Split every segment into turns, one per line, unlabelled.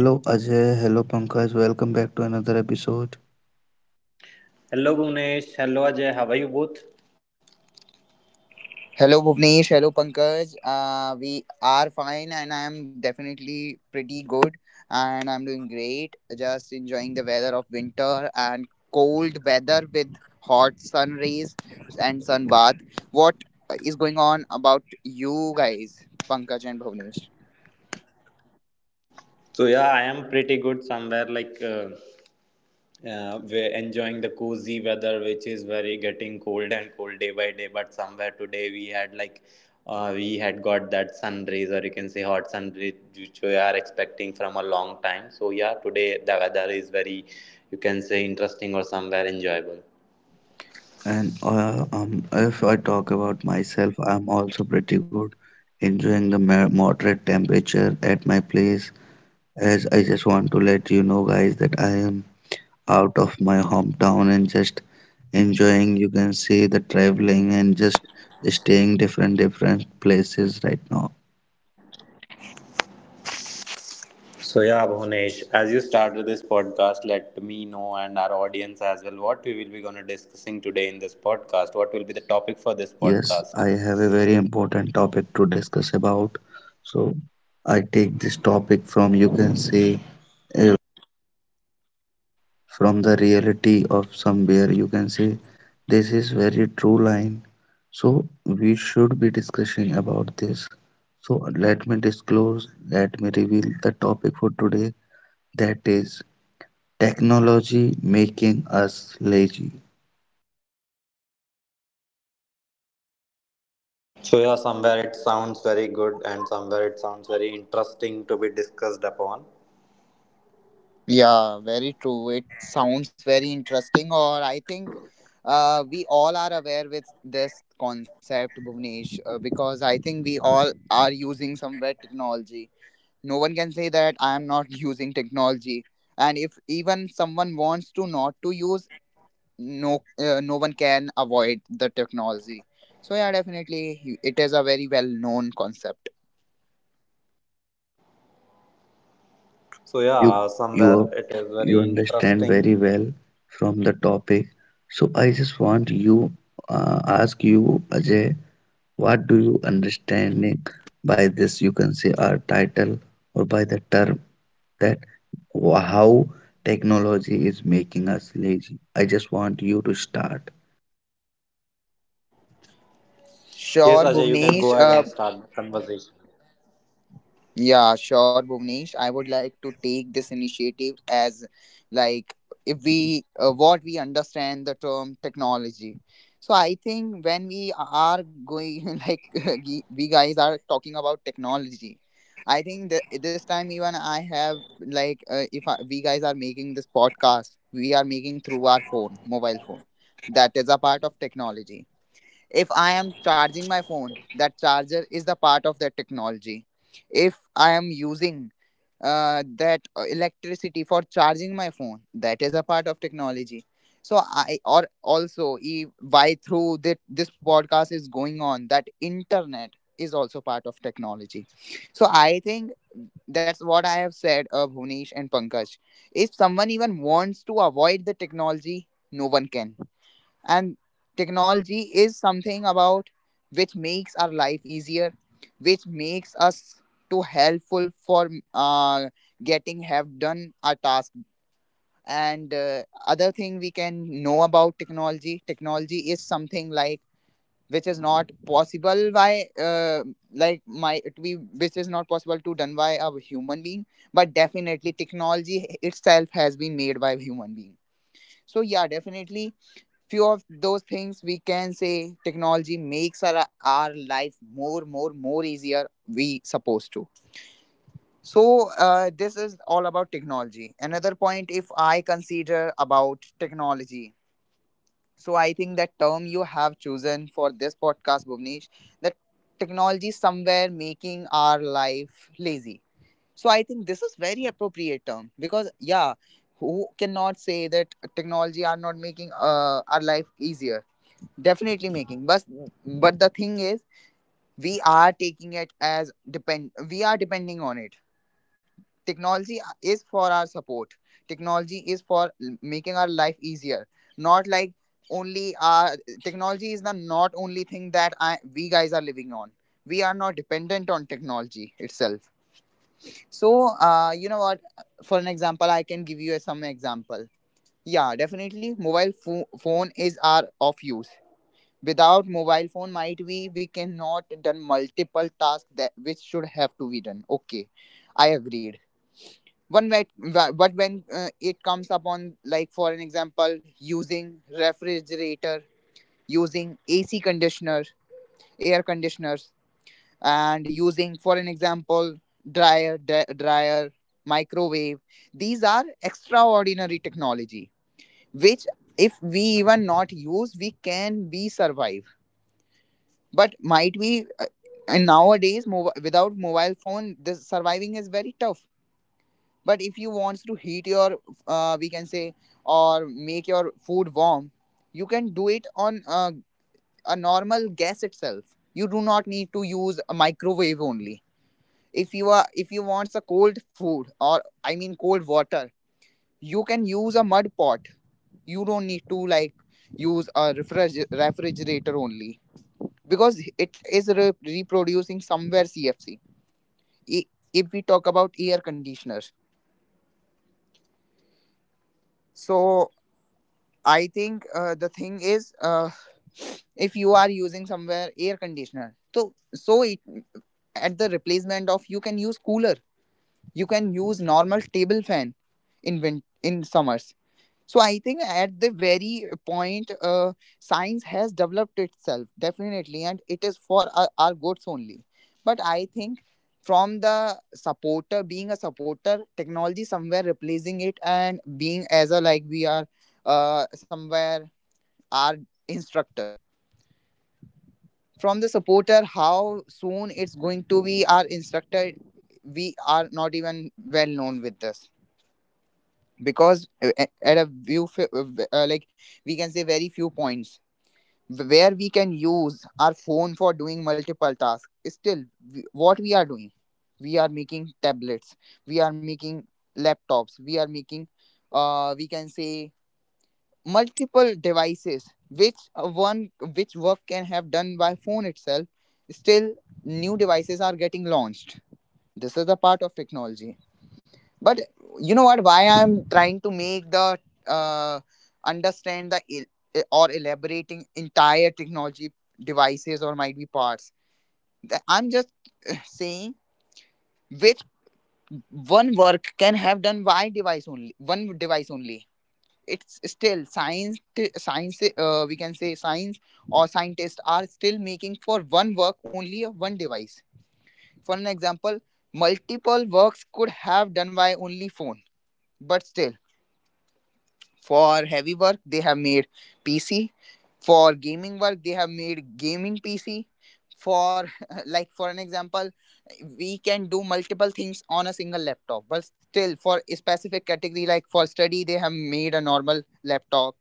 Hello Ajay, hello Pankaj, welcome back to another episode.
Hello Bhunesh, hello Ajay, how are you both?
Hello Bhuvnesh, hello Pankaj. We are fine and I am definitely pretty good and I'm doing great. Just enjoying the weather of winter and cold weather with hot sun rays and sun bath. What is going on about you guys, Pankaj and Bhuvnesh?
So yeah, I am pretty good somewhere like we're enjoying the cozy weather which is very getting cold and cold day by day, but somewhere today we had like we had got that sun rays, or you can say hot sun rays, which we are expecting from a long time. So yeah, today the weather is very, you can say, interesting or somewhere enjoyable.
And if I talk about myself, I'm also pretty good, enjoying the moderate temperature at my place. As I just want to let you know, guys, that I am out of my hometown and just enjoying. You can see the traveling and just staying different places right now.
So yeah, Bhunesh, as you started this podcast, let me know and our audience as well what we will be gonna discussing today in this podcast. What will be the topic for this
Yes,
podcast?
I have a very important topic to discuss about. So I take this topic from, you can say, from the reality of somewhere. You can say this is very true line, so we should be discussing about this. So let me disclose, let me reveal the topic for today, that is, technology making us lazy.
So yeah, somewhere it sounds very good and somewhere it sounds very interesting to be discussed upon.
Yeah, very true. It sounds very interesting, or I think we all are aware with this concept, Bhuvnesh, because I think we all are using somewhere technology. No one can say that I am not using technology, and if even someone wants to not to use, no one can avoid the technology. So yeah, definitely, it is a very well known concept.
Okay, as I think Ajay, you are
So
you
yeah,
you
somewhere it is very
you understand
interesting.
very well from the topic, so I just want you ask you Ajay, what do you understanding by this? You can say our title or by the term that how technology is making us lazy. I just want you to start.
Yes,
Sure,
Ajay, you can go
Bhuvnesh.
ahead and
Uh,
start the conversation.
Yeah, sure, Bhuvnesh. I would like to take this initiative as like if we what we understand the term technology. So I think when we are going like we guys are talking about technology. I think that this time even I have like if I, we guys are making this podcast, we are making through our phone, mobile phone. That is a part of technology. If I am charging my phone, that charger is the part of that technology. If I am using that electricity for charging my phone, that is a part of technology. So I, or also e, why, through that this podcast is going on, that internet is also part of technology. So I think that's what I have said, bhunesh and Pankaj, if someone even wants to avoid the technology, no one can. And technology is something about which makes our life easier, which makes us too helpful for getting have done our task. And other thing we can know about technology, technology is something like which is not possible by like my to be which is not possible to done by a human being. But definitely technology itself has been made by human being. So yeah, definitely few of those things we can say technology makes our life more easier we supposed to. So this is all about technology. Another point if I consider about technology, so I think that term you have chosen for this podcast, Bhuvnesh, that technology somewhere making our life lazy. So I think this is very appropriate term because yeah, who cannot say that technology are not making our life easier? Definitely making, but the thing is we are taking it as depend, we are depending on it. Technology is for our support, technology is for making our life easier, not like only our technology is the not only thing that I, we guys are living on. We are not dependent on technology itself. So what, for an example, I can give you some example. Yeah, definitely mobile phone is our of use. Without mobile phone might be we cannot done multiple tasks that which should have to be done. Okay, I agreed one might but when it comes upon like, for an example, using refrigerator, using AC conditioner, air conditioners, and using, for an example, dryer, dryer, microwave, these are extraordinary technology which if we even not use we can be survive. But might we and nowadays without mobile phone this surviving is very tough. But if you wants to heat your we can say or make your food warm, you can do it on a normal gas itself. You do not need to use a microwave only. If you are, if you wants a cold food or I mean cold water, you can use a mud pot. You don't need to like use a refrigerator only because it is reproducing somewhere CFC. I- If we talk about air conditioners, so I think the thing is, if you are using somewhere air conditioner, so so it, at the replacement of you can use cooler, you can use normal table fan in in summers. So I think at the very point, science has developed itself definitely, and it is for our goods only. But I think from the supporter, being a supporter, technology somewhere replacing it and being as a like we are somewhere our instructor. From the supporter, how soon it's going to be our instructor, we are not even well known with this. Because at a view like we can say very few points where we can use our phone for doing multiple tasks, still what we are doing, we are making tablets, we are making laptops, we are making, uh, we can say multiple devices which one which work can have done by phone itself, still new devices are getting launched. This is a part of technology. But you know what, why I'm trying to make the uh, understand the or elaborating entire technology devices or might be parts. I'm just saying which one work can have done by device only, one device only, it's still science, we can say science or scientists are still making for one work only of one device. For an example, multiple works could have done by only phone, but still for heavy work, they have made PC. For gaming work, they have made gaming PC. For like for an example, we can do multiple things on a single laptop. But still, for a specific category like for study, they have made a normal laptop,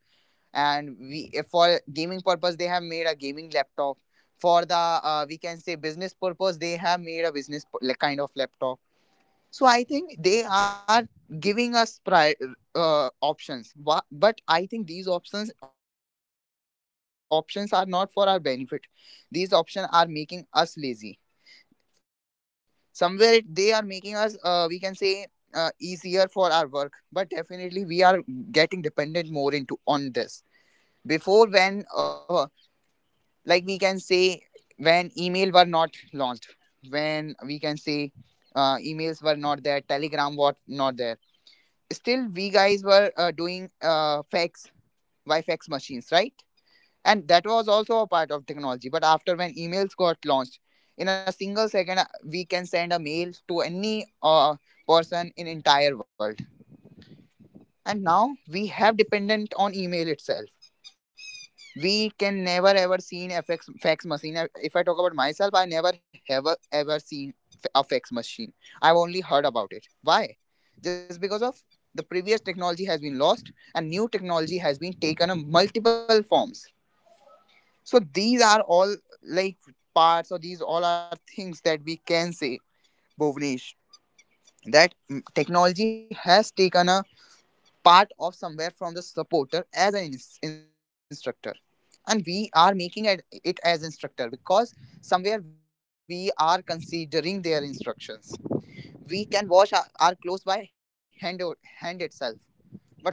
and we for gaming purpose they have made a gaming laptop. For the we can say business purpose, they have made a business like kind of laptop. So I think they are giving us options. But I think these options are not for our benefit. These options are making us lazy. Somewhere they are making us, we can say, easier for our work. But definitely we are getting dependent more into on this. Before when, like we can say, when email were not launched, when we can say, emails were not there, Telegram was not there, still we guys were doing fax by fax machines, right? And that was also a part of technology. But after when emails got launched, in a single second we can send a mail to any person in entire world. And now we have dependent on email itself. We can never ever seen a fax, fax machine. If I talk about myself, I never ever ever seen a fax machine. I've only heard about it. Why? Just because of the previous technology has been lost and new technology has been taken on multiple forms. So these are all like parts or these all are things that we can say, Bhuvnesh, that technology has taken a part of somewhere from the supporter as an instructor and we are making it, it as instructor because somewhere we are considering their instructions. We can wash our clothes by hand hand itself.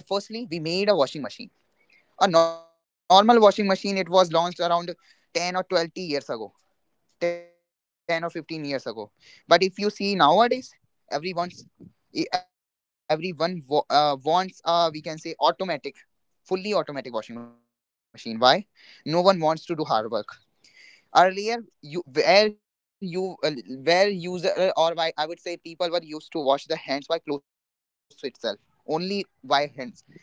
But firstly we made a washing machine, a normal washing machine. It was launched around 10 or 20 years ago, 10 or 15 years ago. But if you see nowadays everyone's everyone wants we can say automatic, fully automatic washing machine. Why? No one wants to do hard work. Earlier, you where user, or why I would say people were used to wash the hands by clothes itself, only by hands.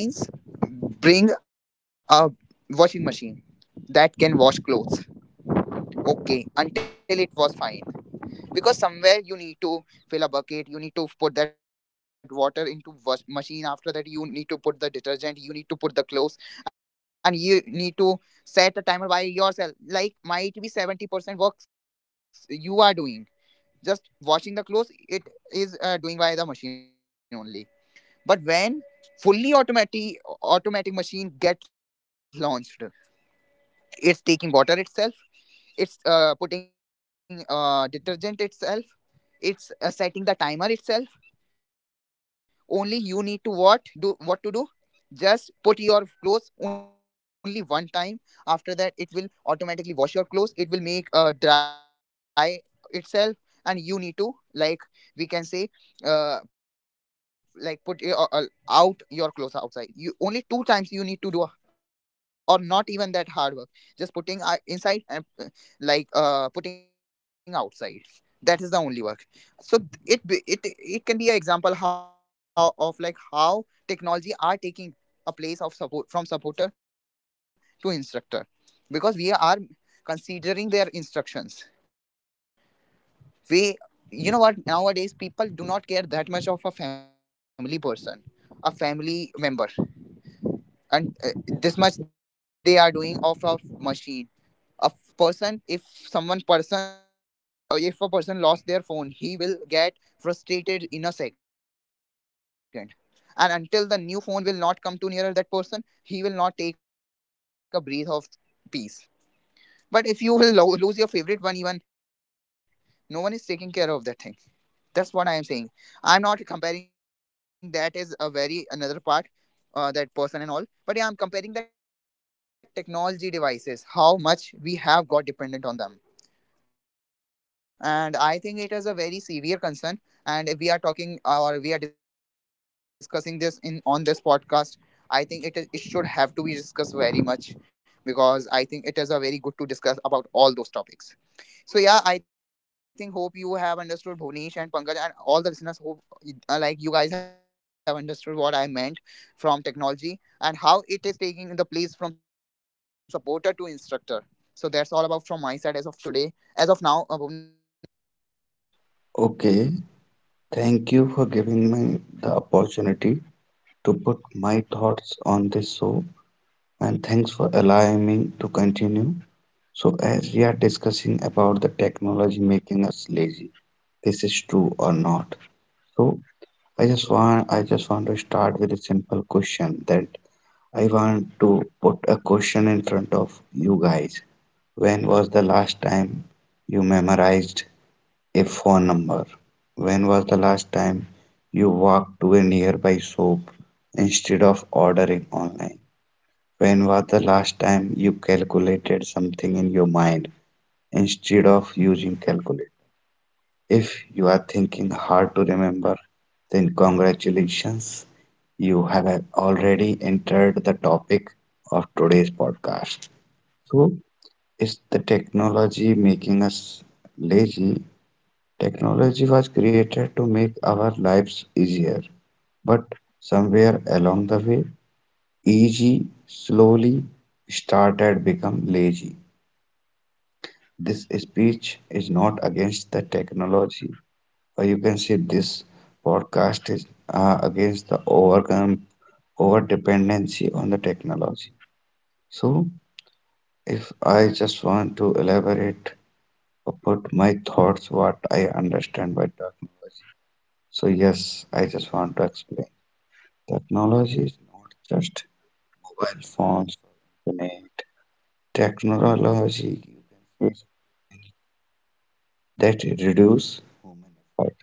The science bring a washing machine that can wash clothes. Okay, until it was fine because somewhere you need to fill a bucket, you need to put that water into wash machine, after that you need to put the detergent, you need to put the clothes, and you need to set a timer by yourself. Like might be 70% works you are doing, just washing the clothes it is doing by the machine only. But when fully automatic machine get launched, it's taking water itself, it's putting detergent itself, it's setting the timer itself. Only you need to what do what to do, just put your clothes only one time. After that it will automatically wash your clothes, it will make dry itself and you need to like we can say uh put your, out your clothes outside. You only two times you need to do, or not even that hard work, just putting inside and putting outside. That is the only work. So it it can be an example how of like how technology are taking a place of support, from supporter to instructor, because we are considering their instructions. We, you know what, nowadays people do not care that much of a family person, a family member, and this much they are doing of a machine. A person, if someone person, if if a person lost their phone, he will get frustrated in a second, and until the new phone will not come too nearer that person, he will not take a breath of peace. But if you will lose your favorite one, even no one is taking care of that thing. That's what I am saying. I'm not comparing that as a very another part, that person and all, but yeah, I'm comparing that technology devices how much we have got dependent on them. And I think it is a very severe concern. And if we are talking or we are discussing this in on this podcast, I think it is, it should have to be discussed very much, because I think it is a very good to discuss about all those topics. So yeah, I think hope you have understood, Bhonish and Pankaj and all the listeners. Hope like you guys have understood what I meant from technology and how it is taking the place from supporter to instructor. So that's all about from my side as of today. As of now, Bhuvnesh, now you can go ahead if you want.
Okay, thank you for giving me the opportunity to put my thoughts on this show and thanks for allowing me to continue. So, as we are discussing about the technology making us lazy, this is true or not. So, I just want to start with a simple question, that I want to put a question in front of you guys. When was the last time you memorized a phone number? When was the last time you walked to a nearby shop instead of ordering online? When was the last time you calculated something in your mind instead of using calculator? If you are thinking hard to remember, then congratulations, you have already entered the topic of today's podcast. So, is the technology making us lazy? Technology was created to make our lives easier, but somewhere along the way, easy slowly started become lazy. This speech is not against the technology, or you can say this podcast is against the over dependency on the technology. So if I just want to elaborate about my thoughts, what I understand by technology. So, yes, I just want to explain. Technology is not just mobile phones or internet. Technology, you can say, that it reduce human effort.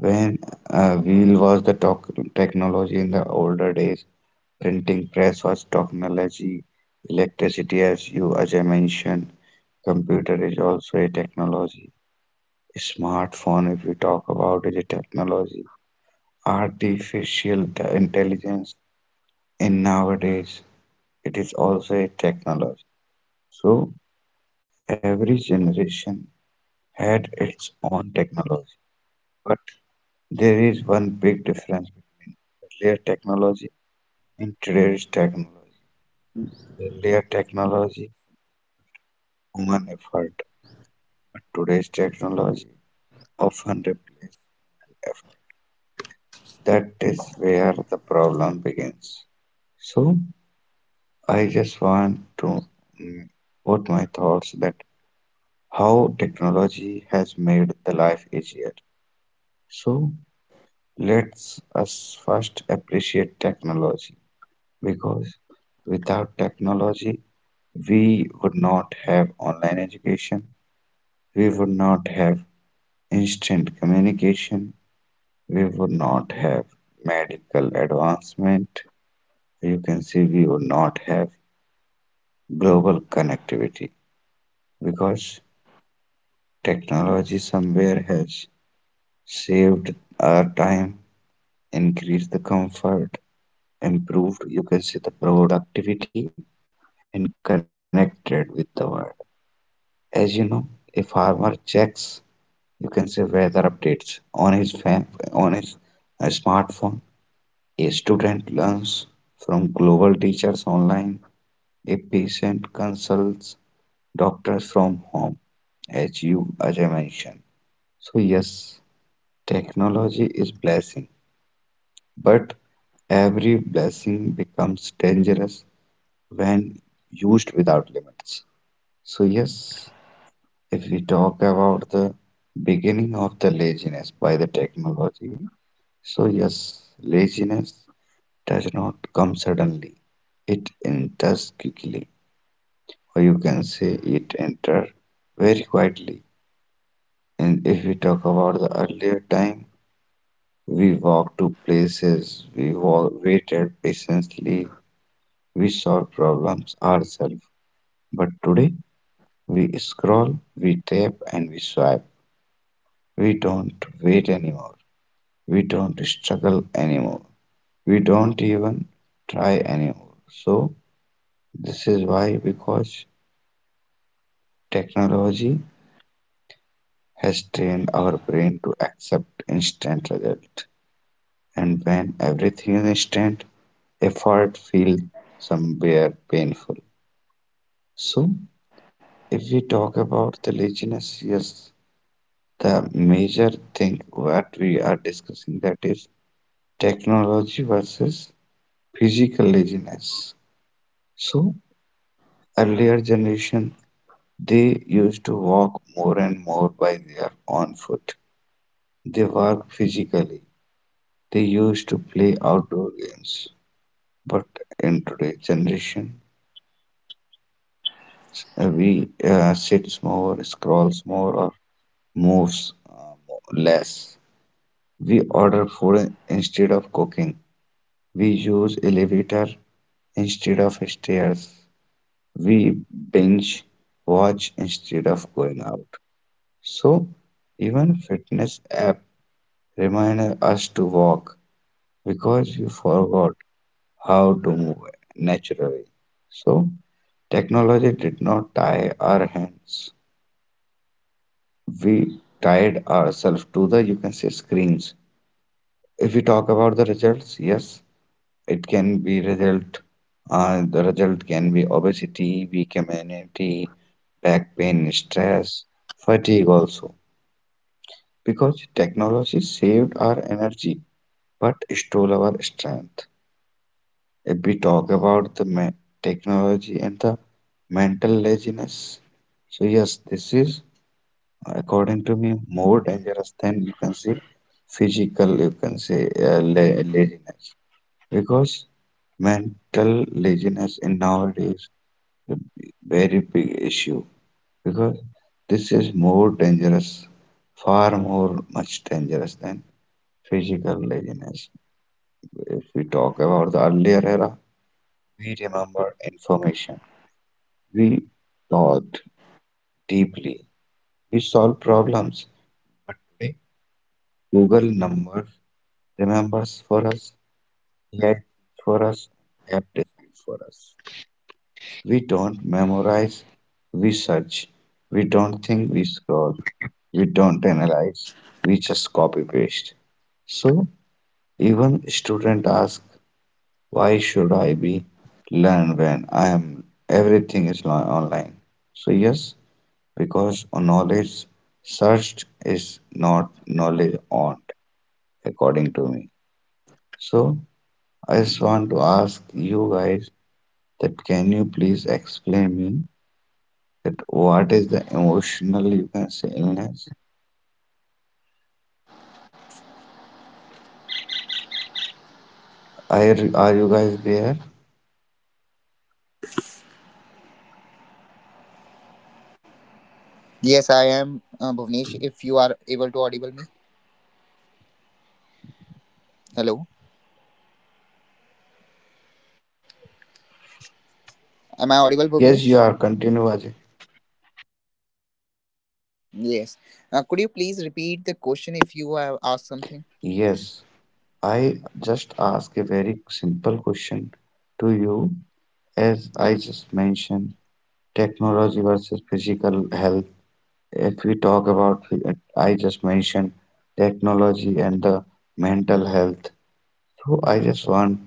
When wheel was the talk technology in the older days, printing press was technology, electricity, as you as I mentioned, computer is also a technology. Smartphone if we talk about is a technology, artificial intelligence in nowadays it is also a technology. So every generation had its own technology, but there is one big difference between earlier technology and today's technology. Earlier technology human effort, but today's technology often replaces effort. That is where the problem begins. So I just want to mm, put my thoughts that how technology has made the life easier. So let's us first appreciate technology, because without technology we would not have online education, we would not have instant communication, we would not have medical advancement, you can see we would not have global connectivity, because technology somewhere has saved our time, increased the comfort, improved, you can say, the productivity, and connected with the world. As you know, a farmer checks, you can say, weather updates on his smartphone. A student learns from global teachers online. A patient consults doctors from home, as you as I mentioned. So yes, technology is blessing, but every blessing becomes dangerous when used without limits. So, yes, if we talk about the beginning of the laziness by the technology, so yes, laziness does not come suddenly, it enters quickly, or you can say it enters very quietly. And if we talk about the earlier time, we walked to places, we waited patiently, we solve problems ourselves, but today we scroll, we tap, and we swipe. We don't wait anymore. We don't struggle anymore. We don't even try anymore. So, this is why, because technology has trained our brain to accept instant result. And when everything is instant, effort feels somewhere painful. So, if we talk about the laziness, yes, the major thing what we are discussing, that is technology versus physical laziness. So earlier generation, they used to walk more and more by their own foot, they work physically, they used to play outdoor games. But in today's generation, we sits more, scrolls more, or moves less. We order food instead of cooking. We use elevator instead of stairs. We binge watch instead of going out. So even fitness app remind us to walk because we forgot how to move naturally. So technology did not tie our hands. We tied ourselves to the, you can say, screens. If we talk about the results, yes, it can be result. The result can be obesity, weak immunity, back pain, stress, fatigue also. Because technology saved our energy but stole our strength. If we talk about the technology and the mental laziness, so yes, this is according to me more dangerous than, you can say, physical, you can say laziness. Because mental laziness in nowadays a very big issue, because this is more dangerous, far more much dangerous than physical laziness. If we talk about the earlier era, we remember information, we thought deeply, we solved problems. But today, Google numbers remembers for us, AI thinks for us, app decides for us. We don't memorize, we search. We don't think, we scroll. We don't analyze, we just copy paste. So even student ask, why should I be learn when I am everything is online? So yes, because knowledge searched is not knowledge earned, according to me. So I just want to ask you guys that can you please explain me that what is the emotional, you can say, illness. Are, are you guys there?
Yes, I am Bhuvnesh. If you are able to audible me, hello. Am I audible,
Yes,
Bhuvnesh?
you are. Continue Ajay.
Yes. Could you please repeat the question if you have asked something?
Yes, I just ask a very simple question to you. As
Yeah.
I just mentioned, technology versus physical health. If we talk about, I just mentioned technology and the mental health. So I just want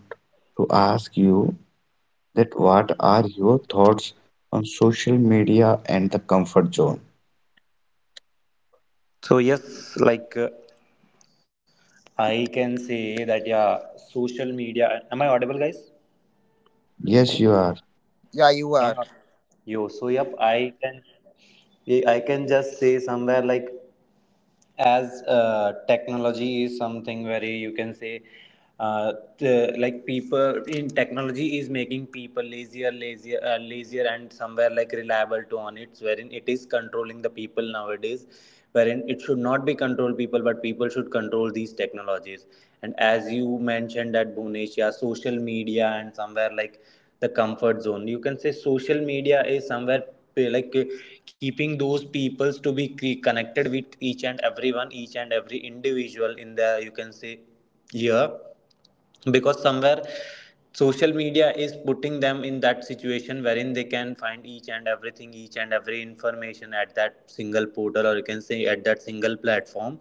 to ask you that what are your thoughts on social media and the comfort zone?
So yes, like I can say that yeah, social media. Am I audible, guys?
Yes, you are.
Yeah, you
No, no,
are.
you. So yep, I can, yeah, I can just say somewhere like as technology is something very, you can say, people in technology is making people lazier, lazier, lazier, and somewhere like reliable to on it, wherein it is controlling the people nowadays, wherein it should not be control people, but people should control these technologies. And as you mentioned that Bhunesh, yeah, social media and somewhere like the comfort zone, you can say, social media is somewhere pe- like uh, keeping those peoples to be connected with each and everyone, each and every individual in the, you can say, year, because somewhere social media is putting them in that situation wherein they can find each and everything, each and every information at that single portal, or you can say at that single platform.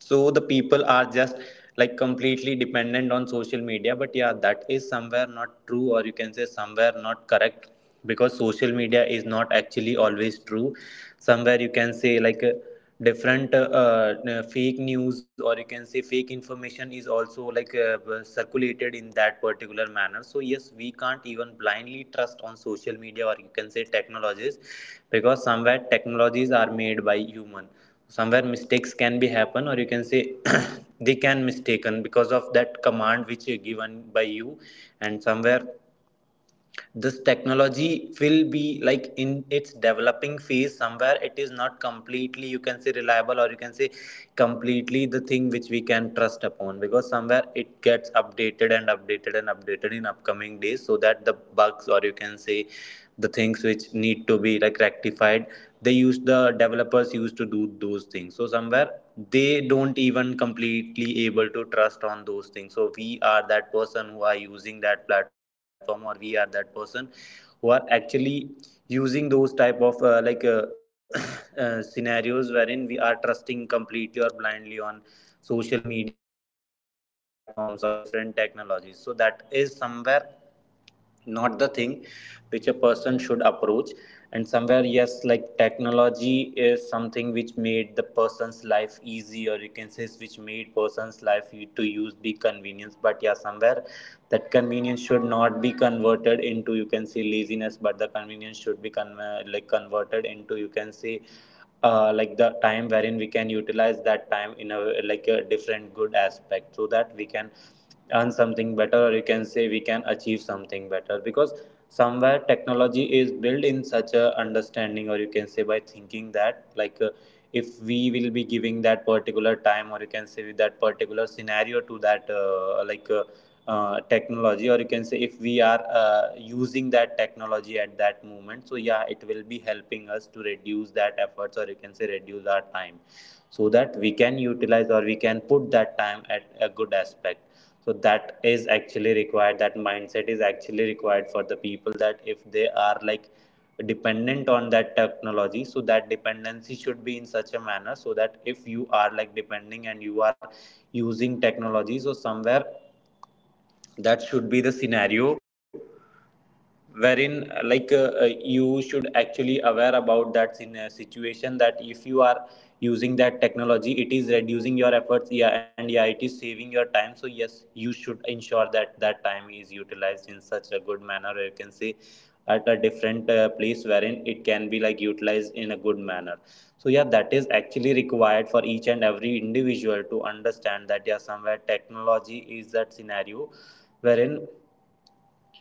So the people are just like completely dependent on social media, but yeah, that is somewhere not true, or you can say somewhere not correct, because social media is not actually always true. Somewhere you can say like different fake news, or you can say fake information is also like circulated in that particular manner. So yes, we can't even blindly trust on social media, or you can say technologies, because somewhere technologies are made by human, somewhere mistakes can be happen, or you can say they can mistaken because of that command which is given by you. And somewhere this technology will be like in its developing phase, somewhere it is not completely, you can say, reliable, or you can say completely the thing which we can trust upon, because somewhere it gets updated and updated and updated in upcoming days, so that the bugs, or you can say the things which need to be like rectified, they use the developers used to do those things. So somewhere they don't even completely able to trust on those things. So we are that person who are using that platform, or we are that person who are actually using those type of scenarios wherein we are trusting completely or blindly on social media, or you can say different platforms or different technologies. So that is somewhere not the thing which a person should approach. And somewhere yes, like technology is something which made the person's life easy, or you can say is which made person's life to use the convenience. But yeah, somewhere that convenience should not be converted into, you can say, laziness, but the convenience should be converted into, you can say, like the time wherein we can utilize that time in a like a different good aspect, so that we can earn something better, or you can say we can achieve something better. Because somewhere technology is built in such a understanding, or you can say by thinking that, like if we will be giving that particular time, or you can say with that particular scenario to that technology, or you can say if we are using that technology at that moment, so yeah, it will be helping us to reduce that efforts, or you can say reduce our time, so that we can utilize, or we can put that time at a good aspect. So that is actually required, that mindset is actually required for the people, that if they are like dependent on that technology, so that dependency should be in such a manner, so that if you are like depending and you are using technology, so somewhere that should be the scenario wherein you should actually aware about that in a situation that if you are using that technology, it is reducing your efforts, yeah, and yeah, it is saving your time. So yes, you should ensure that that time is utilized in such a good manner, or you can say at a different place wherein it can be like utilized in a good manner. So yeah, that is actually required for each and every individual to understand that yeah, somewhere technology is that scenario wherein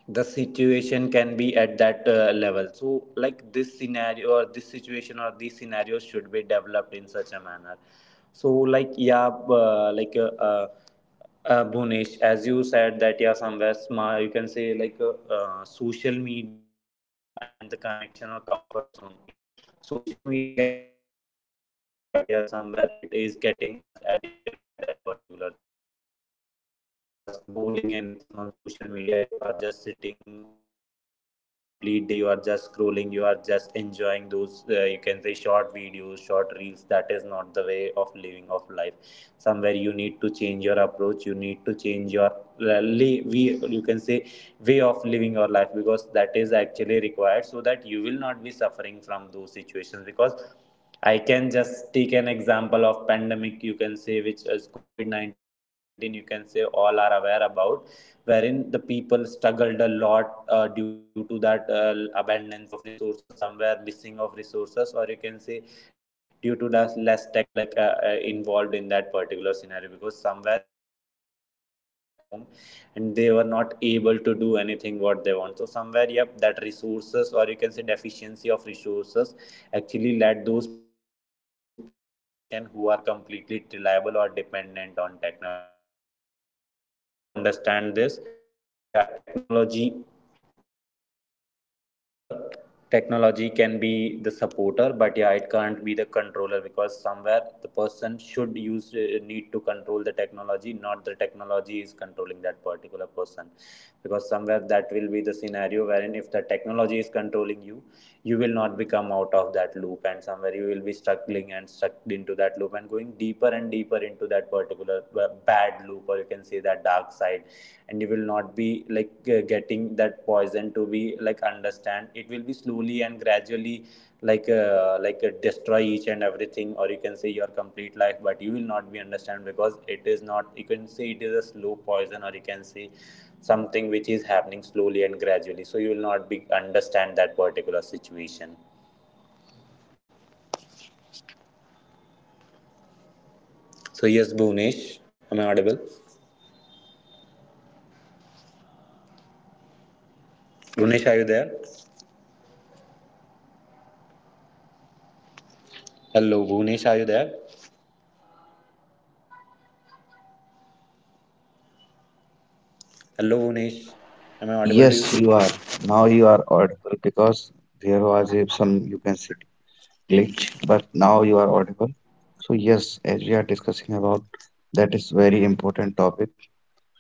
the situation can be at that level. So like this scenario, or this situation, or these scenarios should be developed in such a manner. So like yeah, Bhunesh, as you said that yeah, somewhere smart, you can say, like social media and the connection or comfort zone, like social media can create that comfort zone, but yeah, somewhere it is getting us addicted by that particular thing. Because somewhere if you are scrolling anything on social media, if you are just sitting on your bed and complete day you are just scrolling, you are just enjoying those you can say short videos, short reels, that is not the way of living of life. Somewhere you need to change your approach, you need to change your li- we you can say way of living your life, because that is actually required, so that you will not be suffering from those situations. Because I can just take an example of pandemic, you can say, which is COVID 19, you can say, all are aware about, wherein the people struggled a lot due to that abundance of resources, somewhere missing of resources, or you can say due to that less technology involved in that particular scenario, because somewhere everyone is there at their home and they were not able to do anything what they want. So somewhere, yep, that resources, or you can say deficiency of resources actually led those people to struggle in that situation who are completely reliable or dependent on technology. So somewhere we need to understand this, that yeah, technology can be the helper, technology can be the supporter, but yeah, it can't be the controller. Because somewhere the person should use need to control the technology, not the technology is controlling that particular person. Because somewhere that will be the scenario wherein if the technology is controlling you, you will not become out of that loop, and somewhere you will be struggling and stuck into that loop and going deeper and deeper into that particular bad loop, or you can say that dark side. And you will not be like getting that poison to be like understand, it will be slowly and gradually like destroy each and everything, or you can say your complete life. But you will not be understand, because it is not, you can say, it is a slow poison, or you can say something which is happening slowly and gradually, so you will not be understand that particular situation. So yes, Bhunesh, am I audible? Bhunesh, are you there? Hello, Bhunesh, are you there? Hello, Bhunesh, am I audible to
Yes,
you?
you are. Now you are audible. Because there was some, you can say, glitch, but now you are audible. So yes, as we are discussing about that is very important topic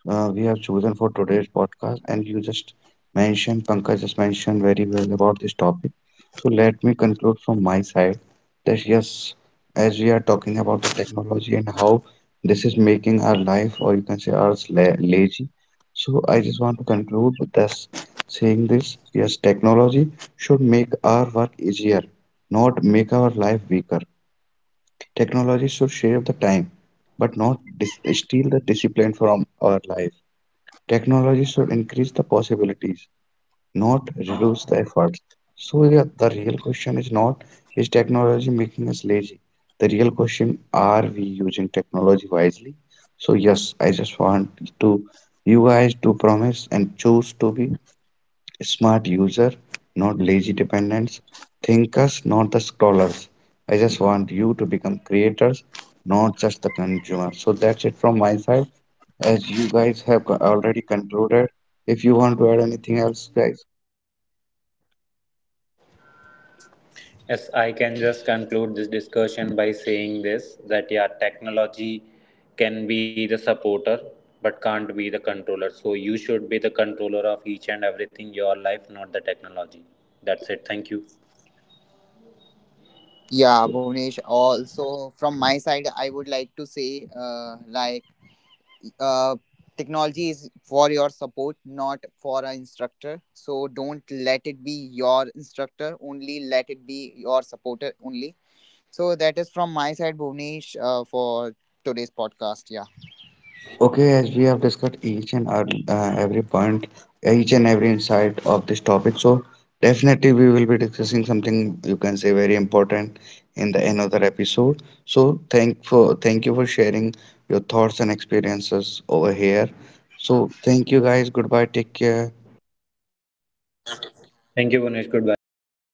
we have chosen for today's podcast. And you just mentioned, Pankaj just mentioned very well about this topic. So let me conclude from my side that yes, as we are talking about the technology and how this is making our life, or you can say ours, la lazy. So I just want to conclude with this, saying this, yes, technology should make our work easier, not make our life weaker. Technology should shave the time, but not dis steal the discipline from our life. Technology should increase the possibilities, not reduce the efforts. So, yeah, the real question is not, is technology making us lazy? The real question, are we using technology wisely? So, yes, I just want to you guys to promise and choose to be smart user, not lazy dependents. Thinkers, not the scrollers. I just want you to become creators, not just the consumer. So that's it from my side. As you guys have already concluded, if you want to add anything else, guys.
Yes, I can just conclude this discussion by saying this, that yeah, technology can be the supporter but can't be the controller. So you should be the controller of each and everything your life, not the technology. That's it. Thank you.
Yeah, Bhuvnesh. Also, from my side, I would like to say, uh, technology is for your support, not for an instructor. So don't let it be your instructor. Only let it be your supporter only. So that is from my side, Bhuvnesh, for today's podcast. Yeah.
Okay, as we have discussed each and every point, each and every insight of this topic, so definitely we will be discussing something, you can say, very important in the another episode. So thank you for sharing your thoughts and experiences over here. So thank you guys. Goodbye. Take care.
Thank you, Gunesh.
Bye
Goodbye.
bye.